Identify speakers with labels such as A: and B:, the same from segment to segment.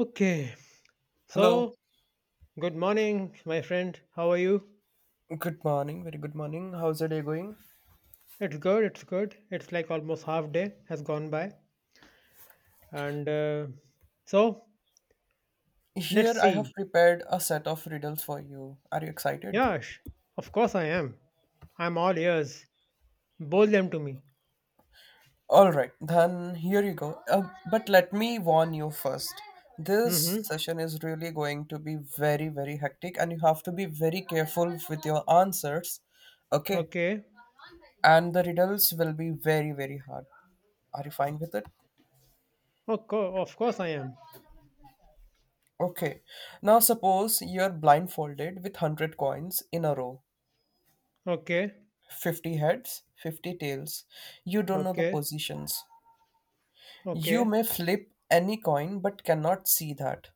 A: Okay,
B: Hello,
A: so good morning, my friend. How are you?
B: good morning, very good morning. How's the day going?
A: It's good, it's good. It's like almost half day has gone by. And so let's
B: Here I have
A: see.
B: prepared a set of riddles for you. Are you excited?
A: Yeah, of course I am. I'm all ears. Bowl them to me.
B: Alright, then here you go. But let me warn you first. This
A: Mm-hmm.
B: session is really going to be very, very hectic, and you have to be very careful with your answers. Okay?
A: Okay.
B: And the riddles will be very, very hard. Are you fine with it?
A: Of course I am.
B: Okay. Now suppose you're blindfolded with 100 coins in a row.
A: Okay.
B: 50 heads, 50 tails. You don't know the
A: Okay.
B: positions. You
A: Okay.
B: may flip any coin but cannot see that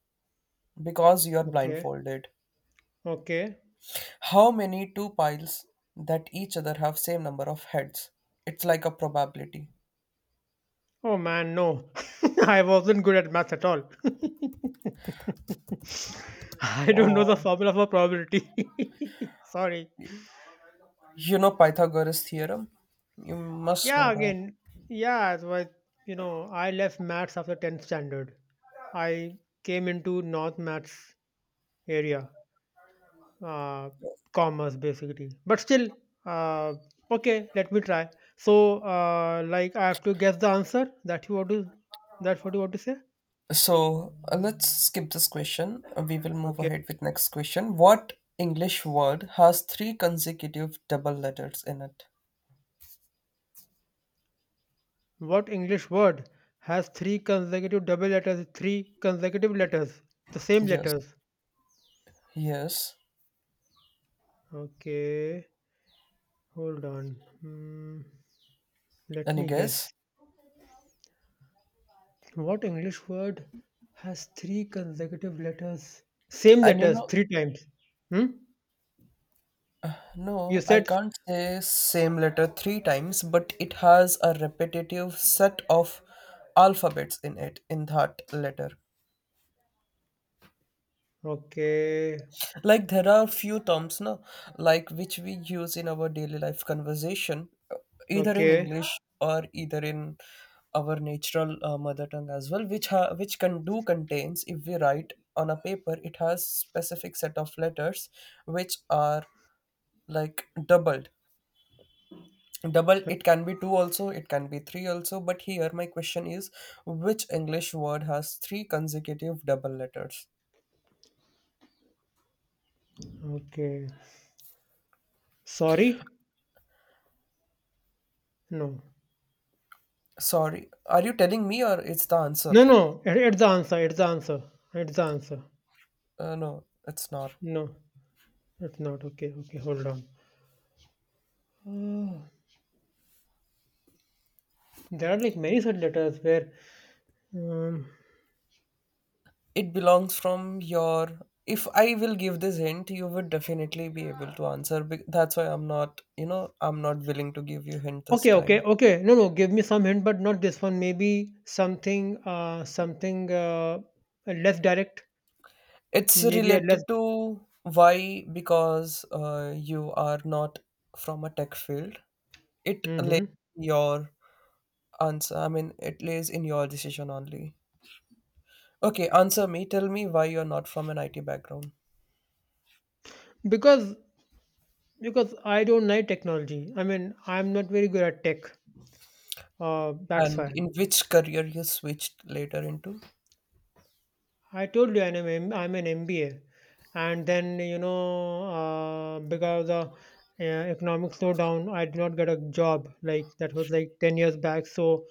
B: because you are
A: Okay.
B: blindfolded.
A: Okay.
B: How many two piles that each other have same number of heads? It's like a probability.
A: Oh man, no. I wasn't good at math at all. I don't know the
B: Oh,
A: formula for probability. Sorry.
B: you know Pythagoras theorem? You must
A: Yeah,
B: know that.
A: again, yeah, it was, you know, I left maths after 10th standard. I came into North maths area, uh, commerce basically. But still, uh, okay, let me try. So, like, I have to guess the answer that you want to, that's what you want to say?
B: So let's skip this question. We will move
A: Okay.
B: ahead with next question. What English word has three consecutive double letters in it?
A: What English word has three consecutive double letters, three consecutive letters, the same
B: Yes.
A: letters?
B: Yes.
A: Okay, hold on. Hmm, let
B: Any
A: me
B: guess?
A: guess. What English word has three consecutive letters? Same
B: And you
A: letters
B: know,
A: three times. Hmm? You
B: no, I
A: said
B: can't say same letter three times, but it has a repetitive set of alphabets in it, in that letter.
A: okay,
B: Like there are few terms, no, like which we use in our daily life conversation, either in
A: okay,
B: English or either in our natural mother tongue as well, which which can do contains if we write on a paper, it has specific set of letters which are like doubled double, it can be two also, it can be three also, but here my question is, which English word has three consecutive double letters?
A: okay. Sorry? No.
B: Sorry, are you telling me or it's the answer?
A: No, no. It's the answer. It's the answer. It's the answer.
B: No, it's not.
A: No, it's not. Okay, okay. Hold on. Oh, there are like many such letters where. Um,
B: It belongs from your, if I will give this hint, you would definitely be able to answer that's why I'm not, you know, I'm not willing to give you hint this
A: okay, okay,
B: time.
A: okay. No, no. Give me some hint, but not this one. Maybe something less direct.
B: It's
A: Maybe I
B: related
A: left.
B: to why, because you are not from a tech field. It
A: Hmm.
B: relates to your answer. I mean, it lays in your decision only. Okay, answer me. Tell me why you're not from an IT background
A: Because because I don't like technology. I mean, I'm not very good at tech. That's
B: and
A: why
B: in which career you switched later into.
A: I told you I'm an MBA, and then because the economic slowdown, I did not get a job. Like that was like 10 years back. So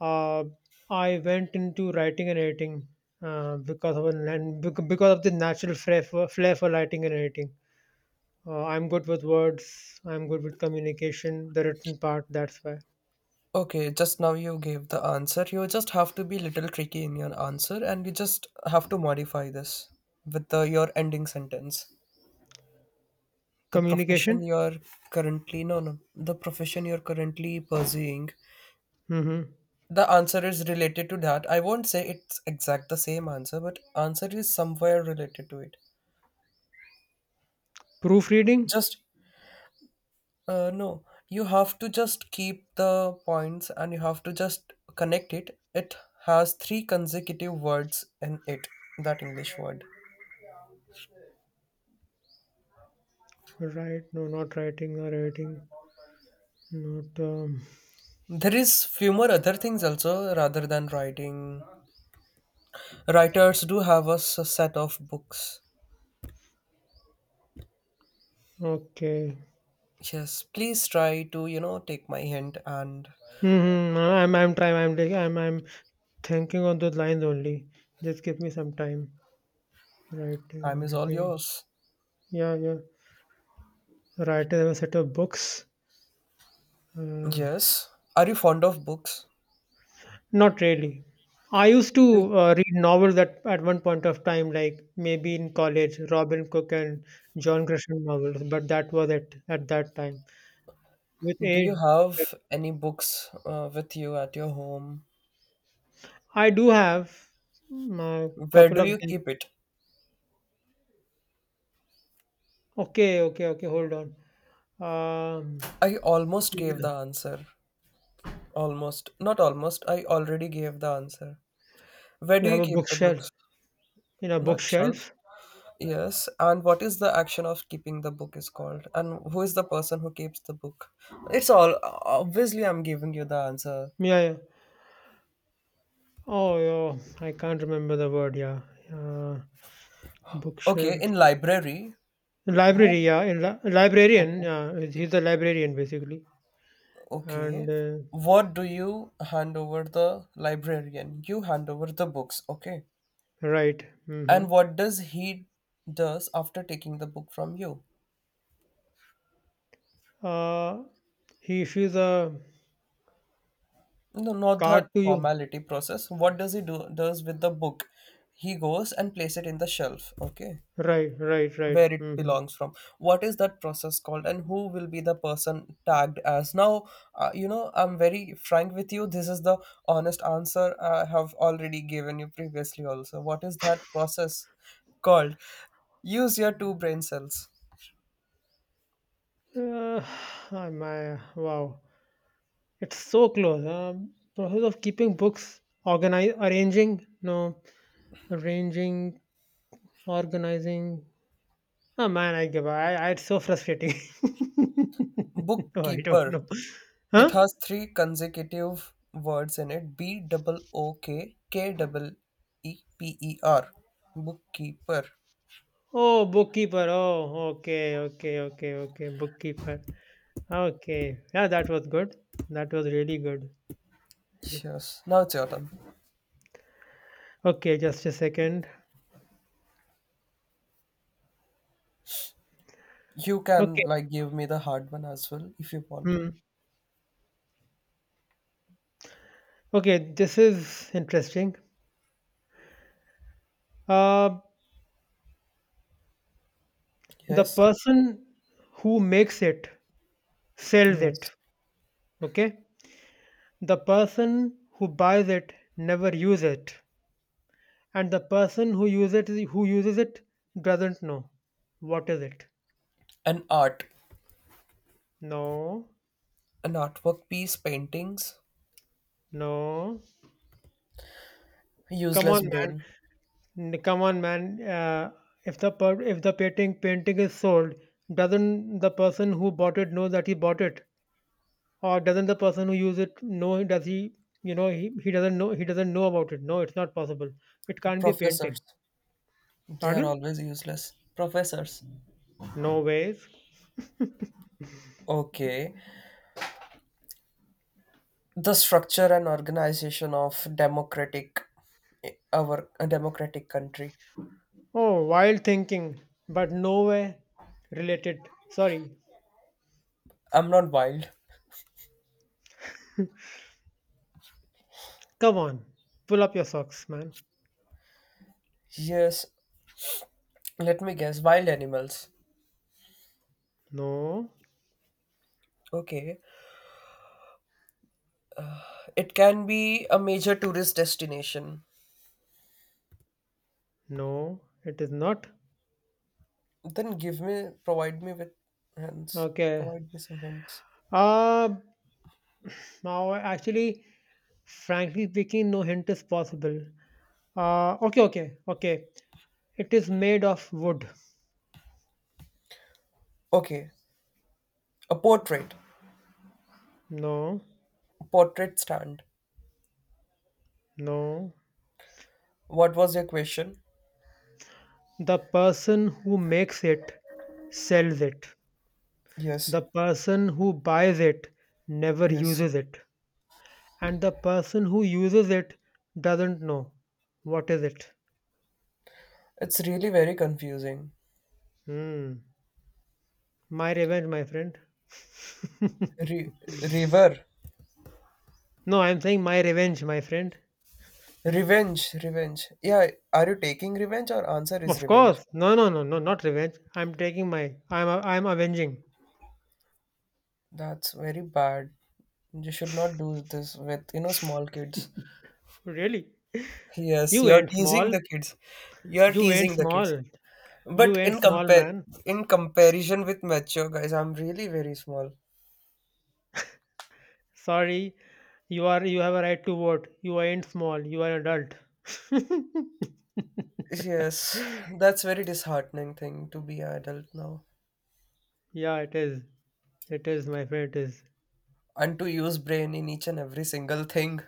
A: uh, I went into writing and editing because of an, and bec- because of the natural flair for writing and editing. I'm good with words. I'm good with communication, the written part. That's why
B: Okay, just now you gave the answer. You just have to be little tricky in your answer and you just have to modify this with the, your ending sentence. The profession
A: communication.
B: you're currently, no, no, the profession you're currently pursuing.
A: Mm-hmm.
B: The answer is related to that. I won't say it's exact the same answer, but answer is somewhere related to it.
A: Proofreading.
B: Just no, you have to just keep the points and you have to just connect it. It has three consecutive words in it, that English word.
A: Right. No, not writing or writing. Not.
B: There is few more other things also rather than writing. Writers do have a set of books.
A: Okay.
B: Yes, please try to, you know, take my hint and
A: Mm-hmm. I'm trying. I'm. Like- I'm. I'm thinking on those lines only. Just give me some time. Writing,
B: time is all
A: editing.
B: yours.
A: Yeah, yeah. Writing. I have a set of books. Uh,
B: Yes. Are you fond of books?
A: Not really. I used
B: Do
A: to read novels at one point of time, like maybe in college, Robin Cook and John Grisham novels, but that was it at that time. With
B: do
A: age,
B: you have any books with you at your home?
A: I do have a
B: Where
A: couple
B: do
A: of
B: you
A: them.
B: keep it?
A: Okay, okay, okay, hold on. Um,
B: I almost
A: you
B: gave the
A: know,
B: answer. Almost. Not almost. I already gave the answer. Where
A: we
B: do you
A: have a
B: keep the
A: bookshelf.
B: books?
A: In a
B: Not shelf.
A: bookshelf?
B: Yes. And what is the action of keeping the book is called? And who is the person who keeps the book? It's all. Obviously, I'm giving you the answer.
A: Yeah, yeah. Oh, yeah. I can't remember the word. Yeah. Uh,
B: Okay.
A: bookshelf.
B: In library, who?
A: Library, yeah. In librarian,
B: Okay.
A: yeah. He's a librarian, basically. And
B: Okay. What do you hand over the librarian? You hand over the books. Okay.
A: right. Hmm.
B: And what does he does after taking the book from you?
A: Uh, he issues a
B: No, not
A: card
B: that
A: to you.
B: formality process. What does he do does with the book? He goes and place it in the shelf, okay,
A: Right, right, right.
B: where it
A: Hmm.
B: belongs from. What is that process called, and who will be the person tagged as? Now, you know, I'm very frank with you. This is the honest answer I have already given you previously. Also, what is that process called? Use your two brain cells.
A: Uh, my wow, it's so close. Process of keeping books, organize, arranging, no, arranging, organizing. Oh man, I give up. It's so frustrating. No, I don't
B: Bookkeeper.
A: know.
B: It
A: Huh?
B: has three consecutive words in it, B double OKK double EPER. Bookkeeper.
A: Oh, bookkeeper. Oh, okay, okay, okay, okay, bookkeeper. Okay. Yeah, that was good. That was really good.
B: Yes. Now it's your turn.
A: Okay, just a second.
B: You can
A: Okay.
B: like give me the hard one as well if you want.
A: Hmm. Okay, this is interesting. Uh, the
B: Yes.
A: person who makes it sells
B: Yes.
A: it. Okay. The person who buys it never use it. And the person who uses it doesn't know. What is it?
B: An art.
A: No.
B: An artwork piece, paintings.
A: No. Come on,
B: Useless
A: man.
B: brain.
A: Come on, man. If the painting is sold, doesn't the person who bought it know that he bought it, or doesn't the person who used it know? Does he? You know, he doesn't know. He doesn't know about it. No, it's not possible. It can't be a painting.
B: Professors. They are
A: Pardon?
B: always useless. Professors.
A: No ways.
B: Okay. The structure and organization of democratic our a democratic country.
A: Oh, wild thinking, but nowhere related. Sorry.
B: I'm not wild.
A: Come on. Pull up your socks, man.
B: Yes, let me guess. Wild animals.
A: No,
B: Okay. It can be a major tourist destination.
A: no, it is not.
B: Then give me, provide me with hints.
A: Okay.
B: Provide me some hints.
A: Uh, now actually Frankly speaking, no hint is possible. Okay, okay, okay. It is made of wood.
B: Okay. A portrait.
A: No,
B: Portrait stand.
A: no.
B: What was your question?
A: The person who makes it sells it.
B: Yes.
A: The person who buys it never
B: Yes.
A: uses it. And the person who uses it doesn't know. What is it?
B: It's really very confusing.
A: Hmm. My revenge, my friend.
B: Re- river.
A: No, I'm saying my revenge, my friend.
B: Revenge. Revenge. Yeah. Are you taking revenge or answer is
A: Of
B: revenge?
A: course. No, no, no, no, not revenge. I'm taking my. I'm. I'm avenging.
B: That's very bad. You should not do this with, you know, small kids.
A: Really?
B: Yes,
A: You
B: you're
A: ain't
B: teasing
A: small.
B: the kids. You're
A: You ain't
B: teasing the kids.
A: small. You
B: But
A: ain't
B: in
A: small,
B: compare
A: man.
B: in comparison with mature guys, I'm really very small.
A: Sorry, you are. You have a right to vote. You ain't small. You are an adult.
B: Yes, that's very disheartening thing to be an adult now
A: Yeah, it is. It is, my friend. It is.
B: and to use brain in each and every single thing.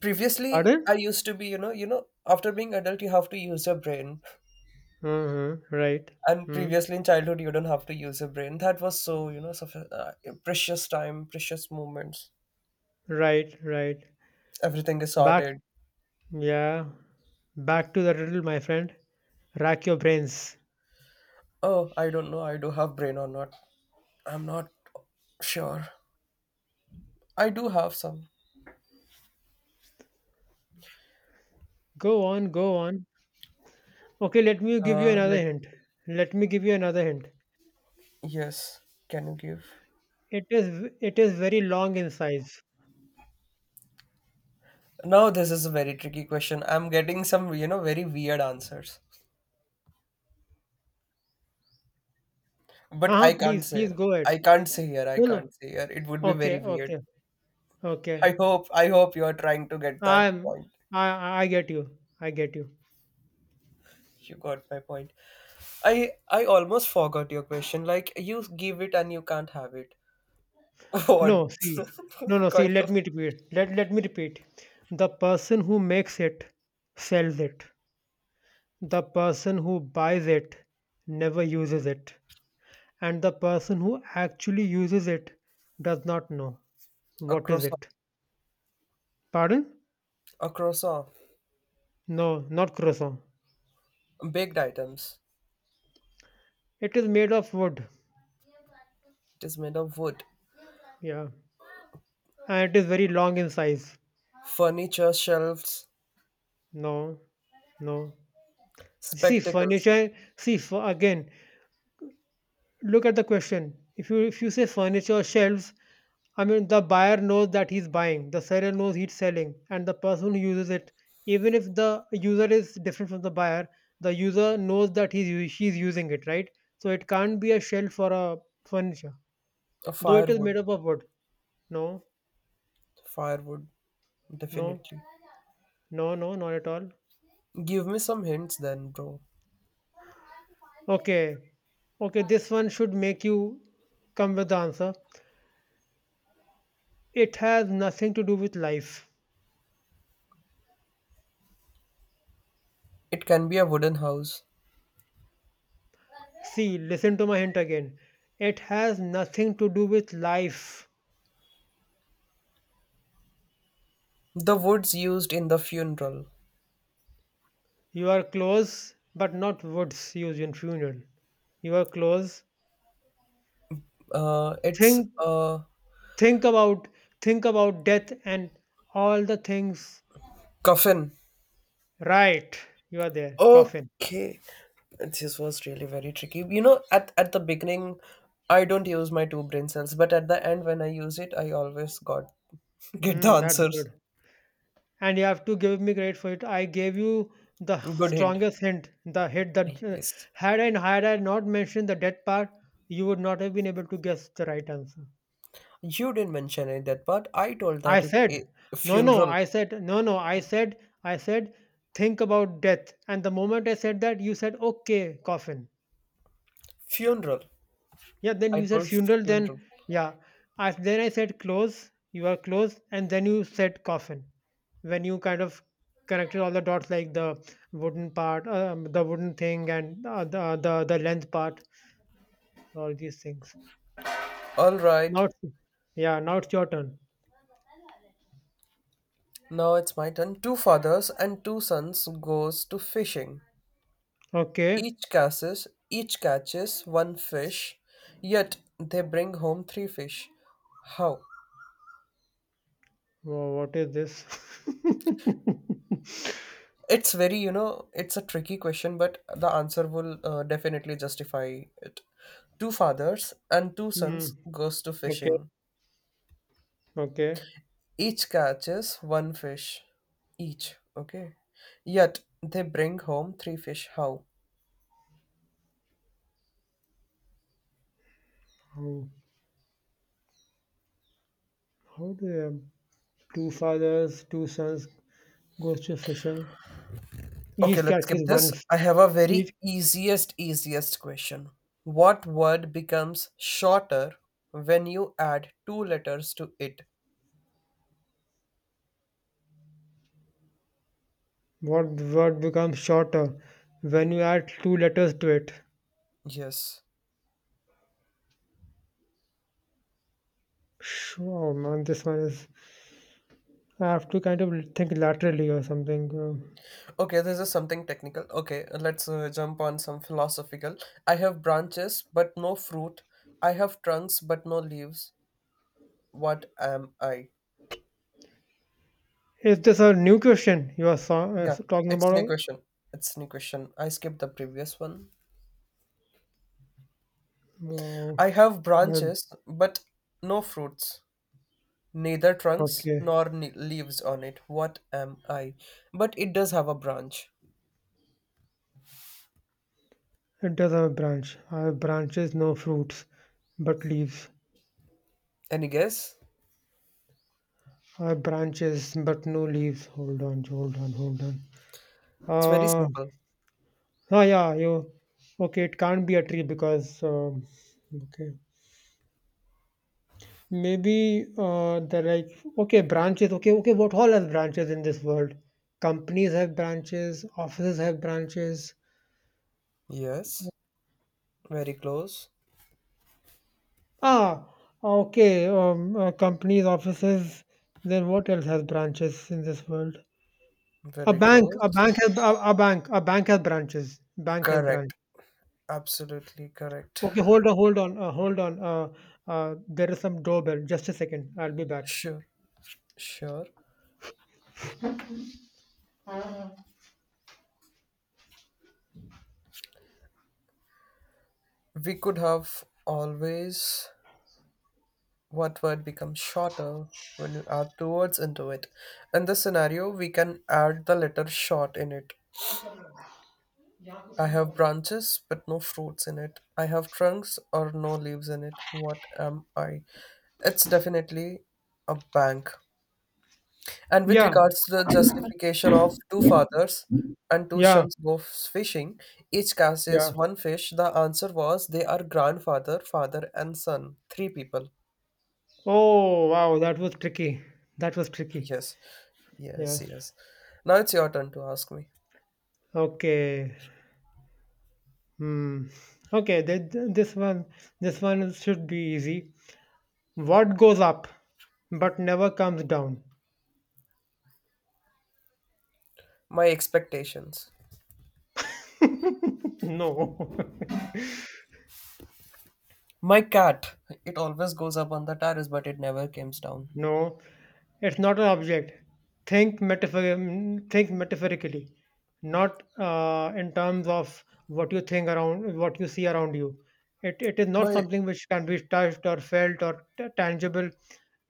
B: Previously,
A: Pardon?
B: I used to be, you know, after being adult, you have to use your brain.
A: Uh-huh. Right.
B: And
A: Hmm.
B: previously in childhood, you don't have to use your brain. That was so, you know, precious time, precious moments.
A: Right. Right.
B: Everything is
A: Back.
B: sorted.
A: Yeah. Back to the riddle, my friend. Rack your brains.
B: Oh, I don't know. I do have brain or not. I'm not sure. I do have some.
A: Go on. Go on. Okay. Let me give you another
B: Let
A: hint. Let me give you another hint.
B: yes. Can you give?
A: It is. It is. Very long in size.
B: Now this is a very tricky question. I'm getting some, you know, very weird answers. But
A: Uh-huh,
B: I can't
A: please,
B: say.
A: please go ahead.
B: I can't say here. I
A: No, no.
B: can't say here. It would be very
A: Okay,
B: weird.
A: okay, okay.
B: I hope. I hope you are trying to get that
A: I'm
B: point.
A: I get you. I get you.
B: You got my point. I almost forgot your question. Like you give it and you can't have it. What
A: No, see. No, no, see,
B: kind
A: let
B: of
A: me repeat. Let me repeat. The person who makes it sells it. The person who buys it never uses it. And the person who actually uses it does not know. What is
B: across?
A: it? Pardon?
B: A croissant.
A: No, not croissant.
B: Baked items.
A: It is made of wood.
B: It is made of wood.
A: Yeah. And it is very long in size.
B: Furniture, shelves,
A: No, no. See,
B: spectacles.
A: furniture, see, again, look at the question. If you say furniture shelves, I mean the buyer knows that he's buying, the seller knows he's selling, and the person who uses it, even if the user is different from the buyer, the user knows that he's she's using it, right? So it can't be a shelf for a furniture,
B: A
A: though it is made
B: firewood.
A: up of wood. No,
B: Firewood.
A: no,
B: Definitely.
A: no, no, not at all.
B: Give me some hints then, bro.
A: Okay, okay. This one should make you come with the answer. It has nothing to do with life.
B: It can be a wooden house.
A: See, listen to my hint again. It has nothing to do with life.
B: The woods used in the funeral.
A: You are close, but not woods used in funeral. You are close.
B: It's
A: Think,
B: a
A: think about, think about death and all the things.
B: coffin.
A: Right, you are there. Coffin.
B: Okay. This was really very tricky. You know, at the beginning, I don't use my two brain cells, but at the end, when I use it, I always got get the
A: Hmm, that's
B: answers.
A: good. And you have to give me credit for it. I gave you the
B: Good hint.
A: strongest hint. The hit that
B: Yes.
A: had and Had I not mentioned the death part, you would not have been able to guess the right answer.
B: You didn't mention it that part. I told
A: I
B: that it
A: said, no, no,
B: funeral.
A: I said, no, no, I said, think about death. And the moment I said that, you said, okay, coffin.
B: Funeral.
A: Yeah, then
B: I
A: you said
B: told
A: funeral,
B: funeral.
A: then yeah. Then I said close, you are close, and then you said coffin. When you kind of connected all the dots, like the wooden part, the wooden thing, and the length part, all these things.
B: All
A: Now,
B: right.
A: it's, yeah, now it's your turn.
B: Now it's my turn. Two fathers and two sons goes to fishing.
A: Okay,
B: Each catches one fish, yet they bring home three fish. How?
A: What is this?
B: It's very, you know, it's a tricky question, but the answer will definitely justify it. Two fathers and two
A: Hmm.
B: sons goes to
A: Okay,
B: fishing.
A: okay.
B: Each catches one fish. Each, okay? Yet they bring home three fish. How?
A: How, how the two fathers, two sons goes to fishing?
B: Okay,
A: Each
B: let's
A: catches
B: skip
A: one
B: this.
A: f-
B: I have a
A: each
B: very easiest, easiest question. What word becomes shorter when you add two letters to it?
A: word, word becomes shorter when you add two letters to it.
B: Yes.
A: Oh man, this one is. I have to kind of think laterally or something.
B: Okay, this is something technical. Okay, let's jump on some philosophical. I have branches but no fruit. I have trunks but no leaves. What am I?
A: Is this a new question you are
B: Yeah,
A: talking
B: it's
A: about?
B: new question. It's new question. I skipped the previous one.
A: Wow.
B: I have
A: Yeah,
B: branches, but no fruits, neither trunks
A: okay.
B: nor leaves on it. What am I? But it does have a branch.
A: It does have a branch. I have branches, no fruits, but leaves.
B: Any guess?
A: I have branches, but no leaves. Hold on, hold on, hold on.
B: It's very
A: Uh,
B: simple.
A: Oh, yeah, you okay? It can't be a tree because okay, maybe they're like okay, branches. Okay, okay, what all has branches in this world? Companies have branches, offices have branches.
B: Yes, very close.
A: Ah, okay, companies, offices. Then what else has branches in this world?
B: Very close.
A: A bank has branches. Bank has branch.
B: Correct. Absolutely correct.
A: Okay, hold on, hold on, hold on. There is some doorbell. Just a second. I'll be back.
B: Sure, sure. We could have always what word becomes shorter when you add two words into it. In this scenario, we can add the letter short in it. I have branches but no fruits in it. I have trunks or no leaves in it. What am I? It's definitely a bank. And with
A: Yeah,
B: regards to the justification of two fathers and two
A: yeah,
B: sons go fishing, each
A: yeah.
B: catches one fish, the answer was they are grandfather, father, and son, three people.
A: Oh, wow, that was tricky. That was tricky.
B: Yes,
A: Yeah.
B: yes, yes. Now it's your turn to ask me.
A: Okay. Hmm. Okay, this one should be easy. What goes up but never comes down?
B: My expectations.
A: No.
B: My cat, it always goes up on the terrace, but it never comes down.
A: No, it's not an object. Think metaphor, think metaphorically, not in terms of what you think around, what you see around you. It is not
B: My
A: something which can be touched or felt or tangible.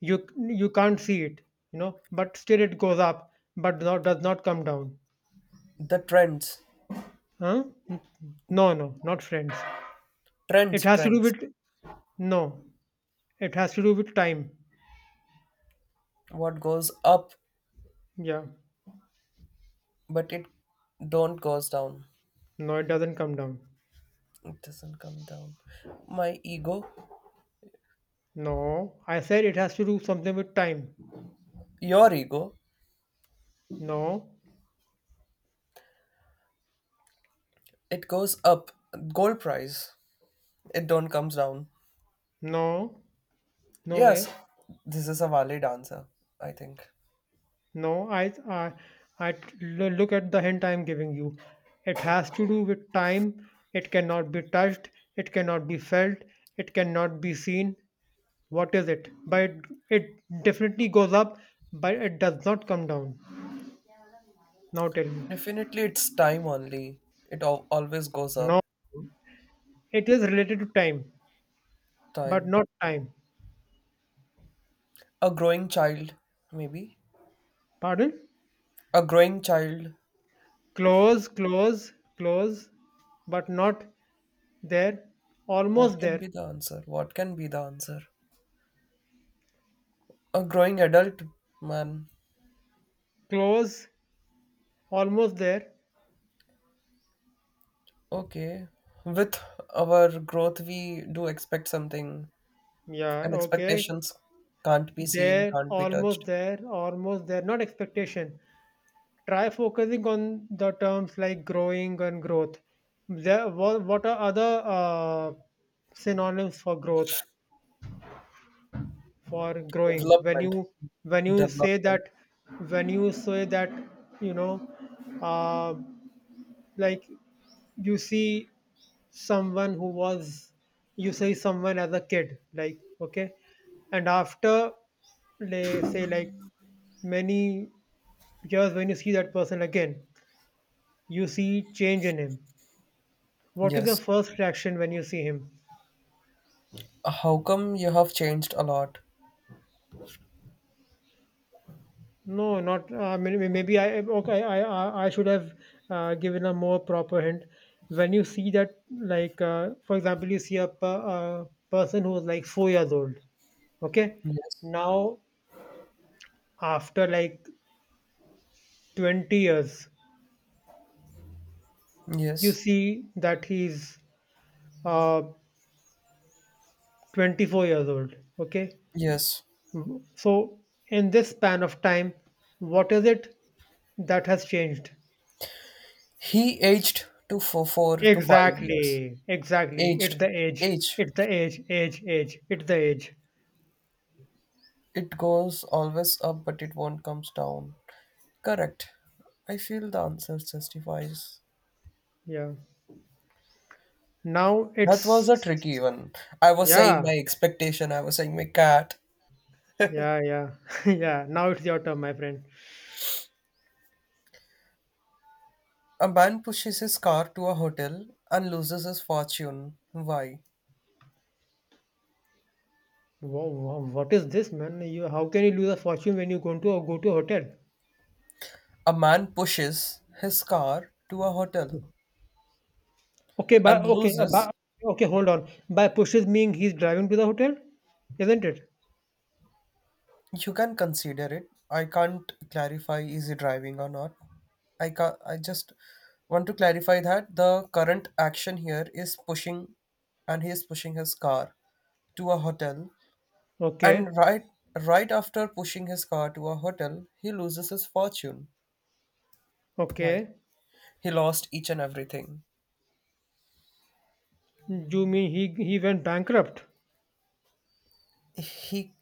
A: You can't see it, but still it goes up, but not, does not come down.
B: the trends,
A: Huh? No, no, not friends.
B: trends,
A: It has to do
B: trends.
A: with no. It has to do with time.
B: What goes up,
A: Yeah.
B: but it don't goes down.
A: No, it doesn't come down.
B: It doesn't come down. My ego,
A: No, I said it has to do something with time.
B: your ego,
A: No,
B: it goes up. Gold price, it don't comes down.
A: no, no
B: Yes,
A: way.
B: this is a valid answer. I think.
A: No, I look at the hint I'm giving you. It has to do with time. It cannot be touched. It cannot be felt. It cannot be seen. What is it? But it definitely goes up, but it does not come down. Now tell me.
B: Definitely, it's time only. Always goes
A: No,
B: up.
A: it is related to time, but
B: Time.
A: not time.
B: A growing child, maybe.
A: Pardon?
B: A growing child.
A: Close, close, close, but not. There,
B: What
A: almost
B: can
A: there.
B: be the answer? What can be the answer? A growing adult, man.
A: Close, almost there.
B: Okay. With our growth, we do expect something,
A: Yeah,
B: and
A: okay.
B: expectations can't be seen,
A: There,
B: can't be
A: almost
B: touched.
A: there, almost there. Not expectation. Try focusing on the terms like growing and growth. There, what are other synonyms for growth, for growing? When
B: Development.
A: you when you say
B: Development.
A: that, when you say that, you know, uh, like you see someone who was you say someone as a kid, like, okay, and after, they say, like, many years, when you see that person again, you see change in him. What is your
B: Yes.
A: first reaction when you see him?
B: How come you have changed a lot?
A: No, not maybe, maybe I okay I should have given a more proper hint. When you see that, like, for example, you see a, a person who is like 4 years old, okay,
B: Yes.
A: now after like 20 years, you
B: Yes.
A: see that he's uh, 24 years old, okay.
B: Yes.
A: Mhm. So in this span of time, what is it that has changed?
B: He aged to four, 4 to 5 years.
A: Exactly, exactly, it's
B: Aged,
A: the age,
B: age.
A: it's the age, age, age, it's the age.
B: It goes always up, but it won't comes down. Correct. I feel the answer justifies.
A: Yeah, now
B: That was a
A: it's,
B: tricky one. I was saying
A: yeah,
B: my expectation. I was saying my cat.
A: yeah, yeah, yeah, now it's your turn, my friend.
B: A man pushes his car to a hotel and loses his fortune. Why?
A: What is this man? You, how can you lose a fortune when you go to a hotel?
B: A man pushes his car to a hotel
A: Okay, by
B: and
A: okay, by
B: loses
A: okay, hold on. By pushes, mean he's driving to the hotel, isn't it?
B: You can consider it. I can't clarify is it driving or not. I just want to clarify that the current action here is pushing, and he is pushing his car to a hotel.
A: Okay,
B: And right after pushing his car to a hotel, he loses his fortune. Why?
A: okay.
B: He lost each and everything.
A: You mean he went bankrupt?
B: He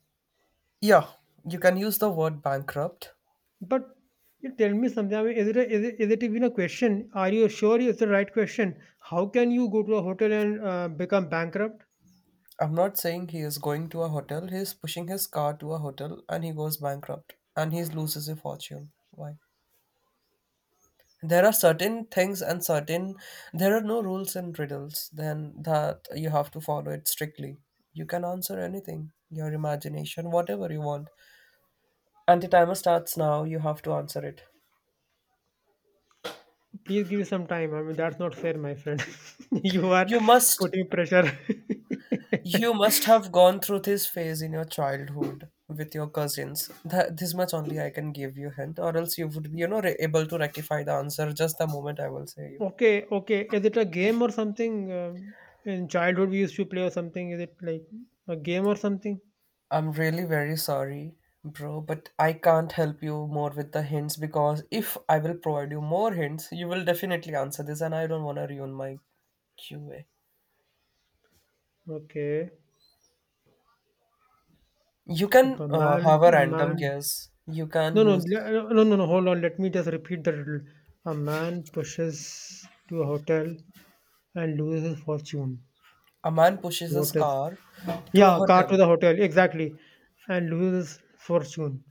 B: yeah. You can use the word bankrupt.
A: But you tell me something. I mean, is it is it even a question? Are you sure it's the right question? How can you go to a hotel and become bankrupt?
B: I'm not saying he is going to a hotel. He's pushing his car to a hotel and he goes bankrupt and he loses a fortune. Why? There are certain things and certain, there are no rules and riddles then that you have to follow it strictly. You can answer anything, your imagination, whatever you want. And the timer starts now, you have to answer it.
A: Please give me some time. I mean, that's not fair, my friend. You are
B: You must
A: putting pressure.
B: You must have gone through this phase in your childhood with your cousins. This much only I can give you hint, or else you would be, you know, able to rectify the answer just the moment I will say you.
A: Okay, okay. Is it a game or something? Um, in childhood, we used to play or something. Is it like a game or something?
B: I'm really very sorry, bro, but I can't help you more with the hints because if I will provide you more hints, you will definitely answer this, and I don't want to ruin my QA.
A: Okay.
B: You can
A: A man,
B: have a
A: a
B: random
A: man.
B: guess. You can
A: No, no,
B: use
A: no, no, no. Hold on. Let me just repeat the riddle. A man pushes to a hotel and loses his fortune.
B: a man pushes his
A: What is?
B: car to a
A: Yeah, car
B: hotel.
A: to the hotel. Exactly, and loses fortune.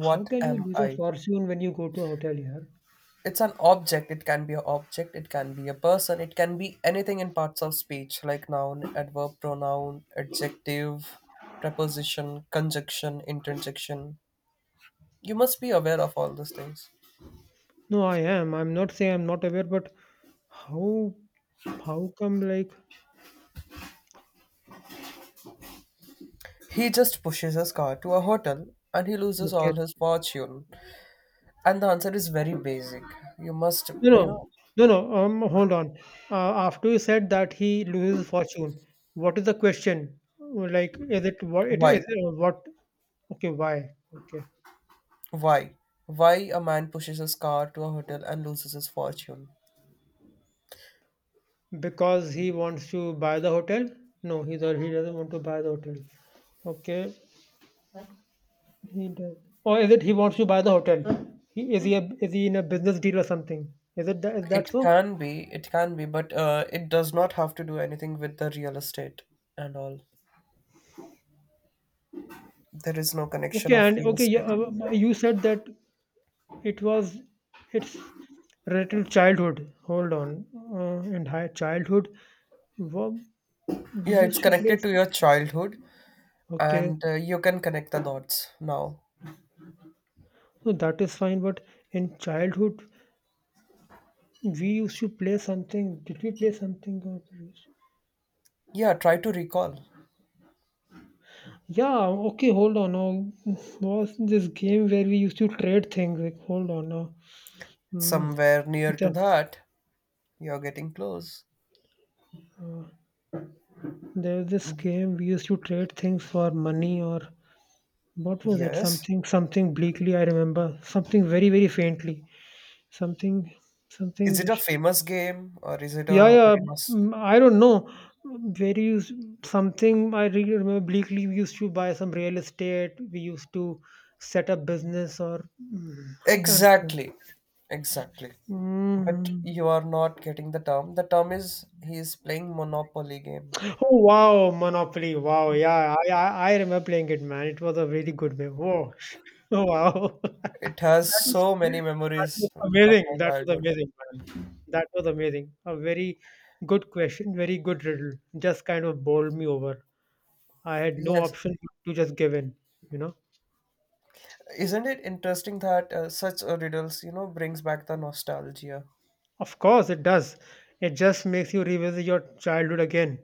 A: How can you
B: am
A: lose a
B: I?
A: fortune when you go to a hotel here?
B: It's an object, it can be an object, it can be a person, it can be anything in parts of speech like noun, adverb, pronoun, adjective, preposition, conjunction, interjection. You must be aware of all these things.
A: No, I am. I'm not saying I'm not aware, but how how come, like,
B: He just pushes his car to a hotel and he loses
A: okay.
B: all his fortune, and the answer is very basic. you must
A: No,
B: you know
A: no. No, no. Hold on. After you said that he loses fortune, what is the question? Like, is it what it is,
B: why
A: what? Okay, why? Okay,
B: why why a man pushes his car to a hotel and loses his fortune.
A: because he wants to buy the hotel. No, he, or he doesn't want to buy the hotel. Okay, he does. Or is it he wants to buy the hotel? Is he is he in a business deal or something? Is it that, is that so?
B: It can be, but it does not have to do anything with the real estate and all. There is no connection
A: Okay,
B: of
A: and
B: real
A: okay, yeah,
B: estate.
A: you said that it was it's related to childhood. Hold on, and high childhood, wa- we
B: Yeah, it's
A: used to play.
B: connected to your childhood,
A: Okay,
B: and you can connect the dots now.
A: so that is fine. But in childhood, we used to play something. Did we play something? Or,
B: Yeah, try to recall.
A: yeah. Okay. Hold on. Now, was this game where we used to trade things? Like, hold on. Now, mm,
B: Somewhere near to
A: the,
B: that, you're getting close.
A: there was this game we used to trade things for money, or what was it?
B: Yes.
A: Something, something bleakly, I remember. Something very, very faintly. Something,
B: Is
A: something
B: it a
A: which.
B: famous game or is it
A: Yeah,
B: a
A: yeah.
B: very must?
A: I don't know. Very used, something I really remember bleakly. We used to buy some real estate. We used to set up business, or I can't remember.
B: Exactly, exactly. But
A: Mm.
B: you are not getting the term. The term is he is playing Monopoly game.
A: Oh wow, Monopoly! Wow, yeah, I remember playing it, man. It was a really good game. Whoa, oh wow.
B: It has so many
A: That was
B: memories of
A: amazing.
B: my
A: That was
B: childhood.
A: amazing, man. That was amazing. A very good question, very good riddle. Just kind of bowled me over. I had no
B: Yes,
A: option to just give in, you know?
B: isn't it interesting that such a riddles, you know, brings back the nostalgia?
A: Of course, it does. It just makes you revisit your childhood again.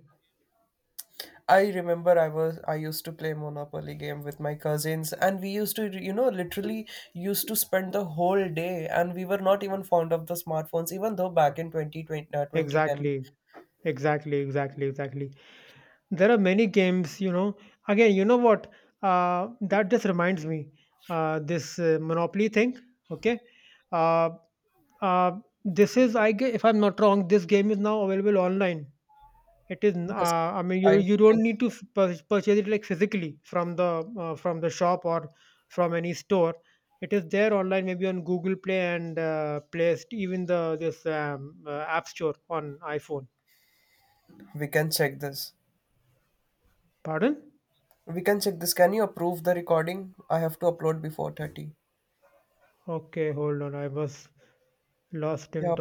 B: I remember I used to play Monopoly game with my cousins, and we used to, you know, literally used to spend the whole day, and we were not even fond of the smartphones, even though back in 2020, 2010.
A: Exactly. Exactly, exactly, exactly. There are many games, you know. Again, you know what? That just reminds me. This Monopoly thing, okay? Uh, Uh, this is, I guess, if I'm not wrong, this game is now available online. It is,
B: Yes,
A: I mean,
B: I
A: you don't
B: think
A: need to
B: so.
A: purchase it like physically from the shop or from any store. It is there online, maybe on Google Play and Play, even the this App Store on iPhone.
B: We can check this.
A: Pardon?
B: We can check this. Can you approve the recording? I have to upload before 30.
A: Okay, hold on. I was lost
B: Yeah,
A: in thought.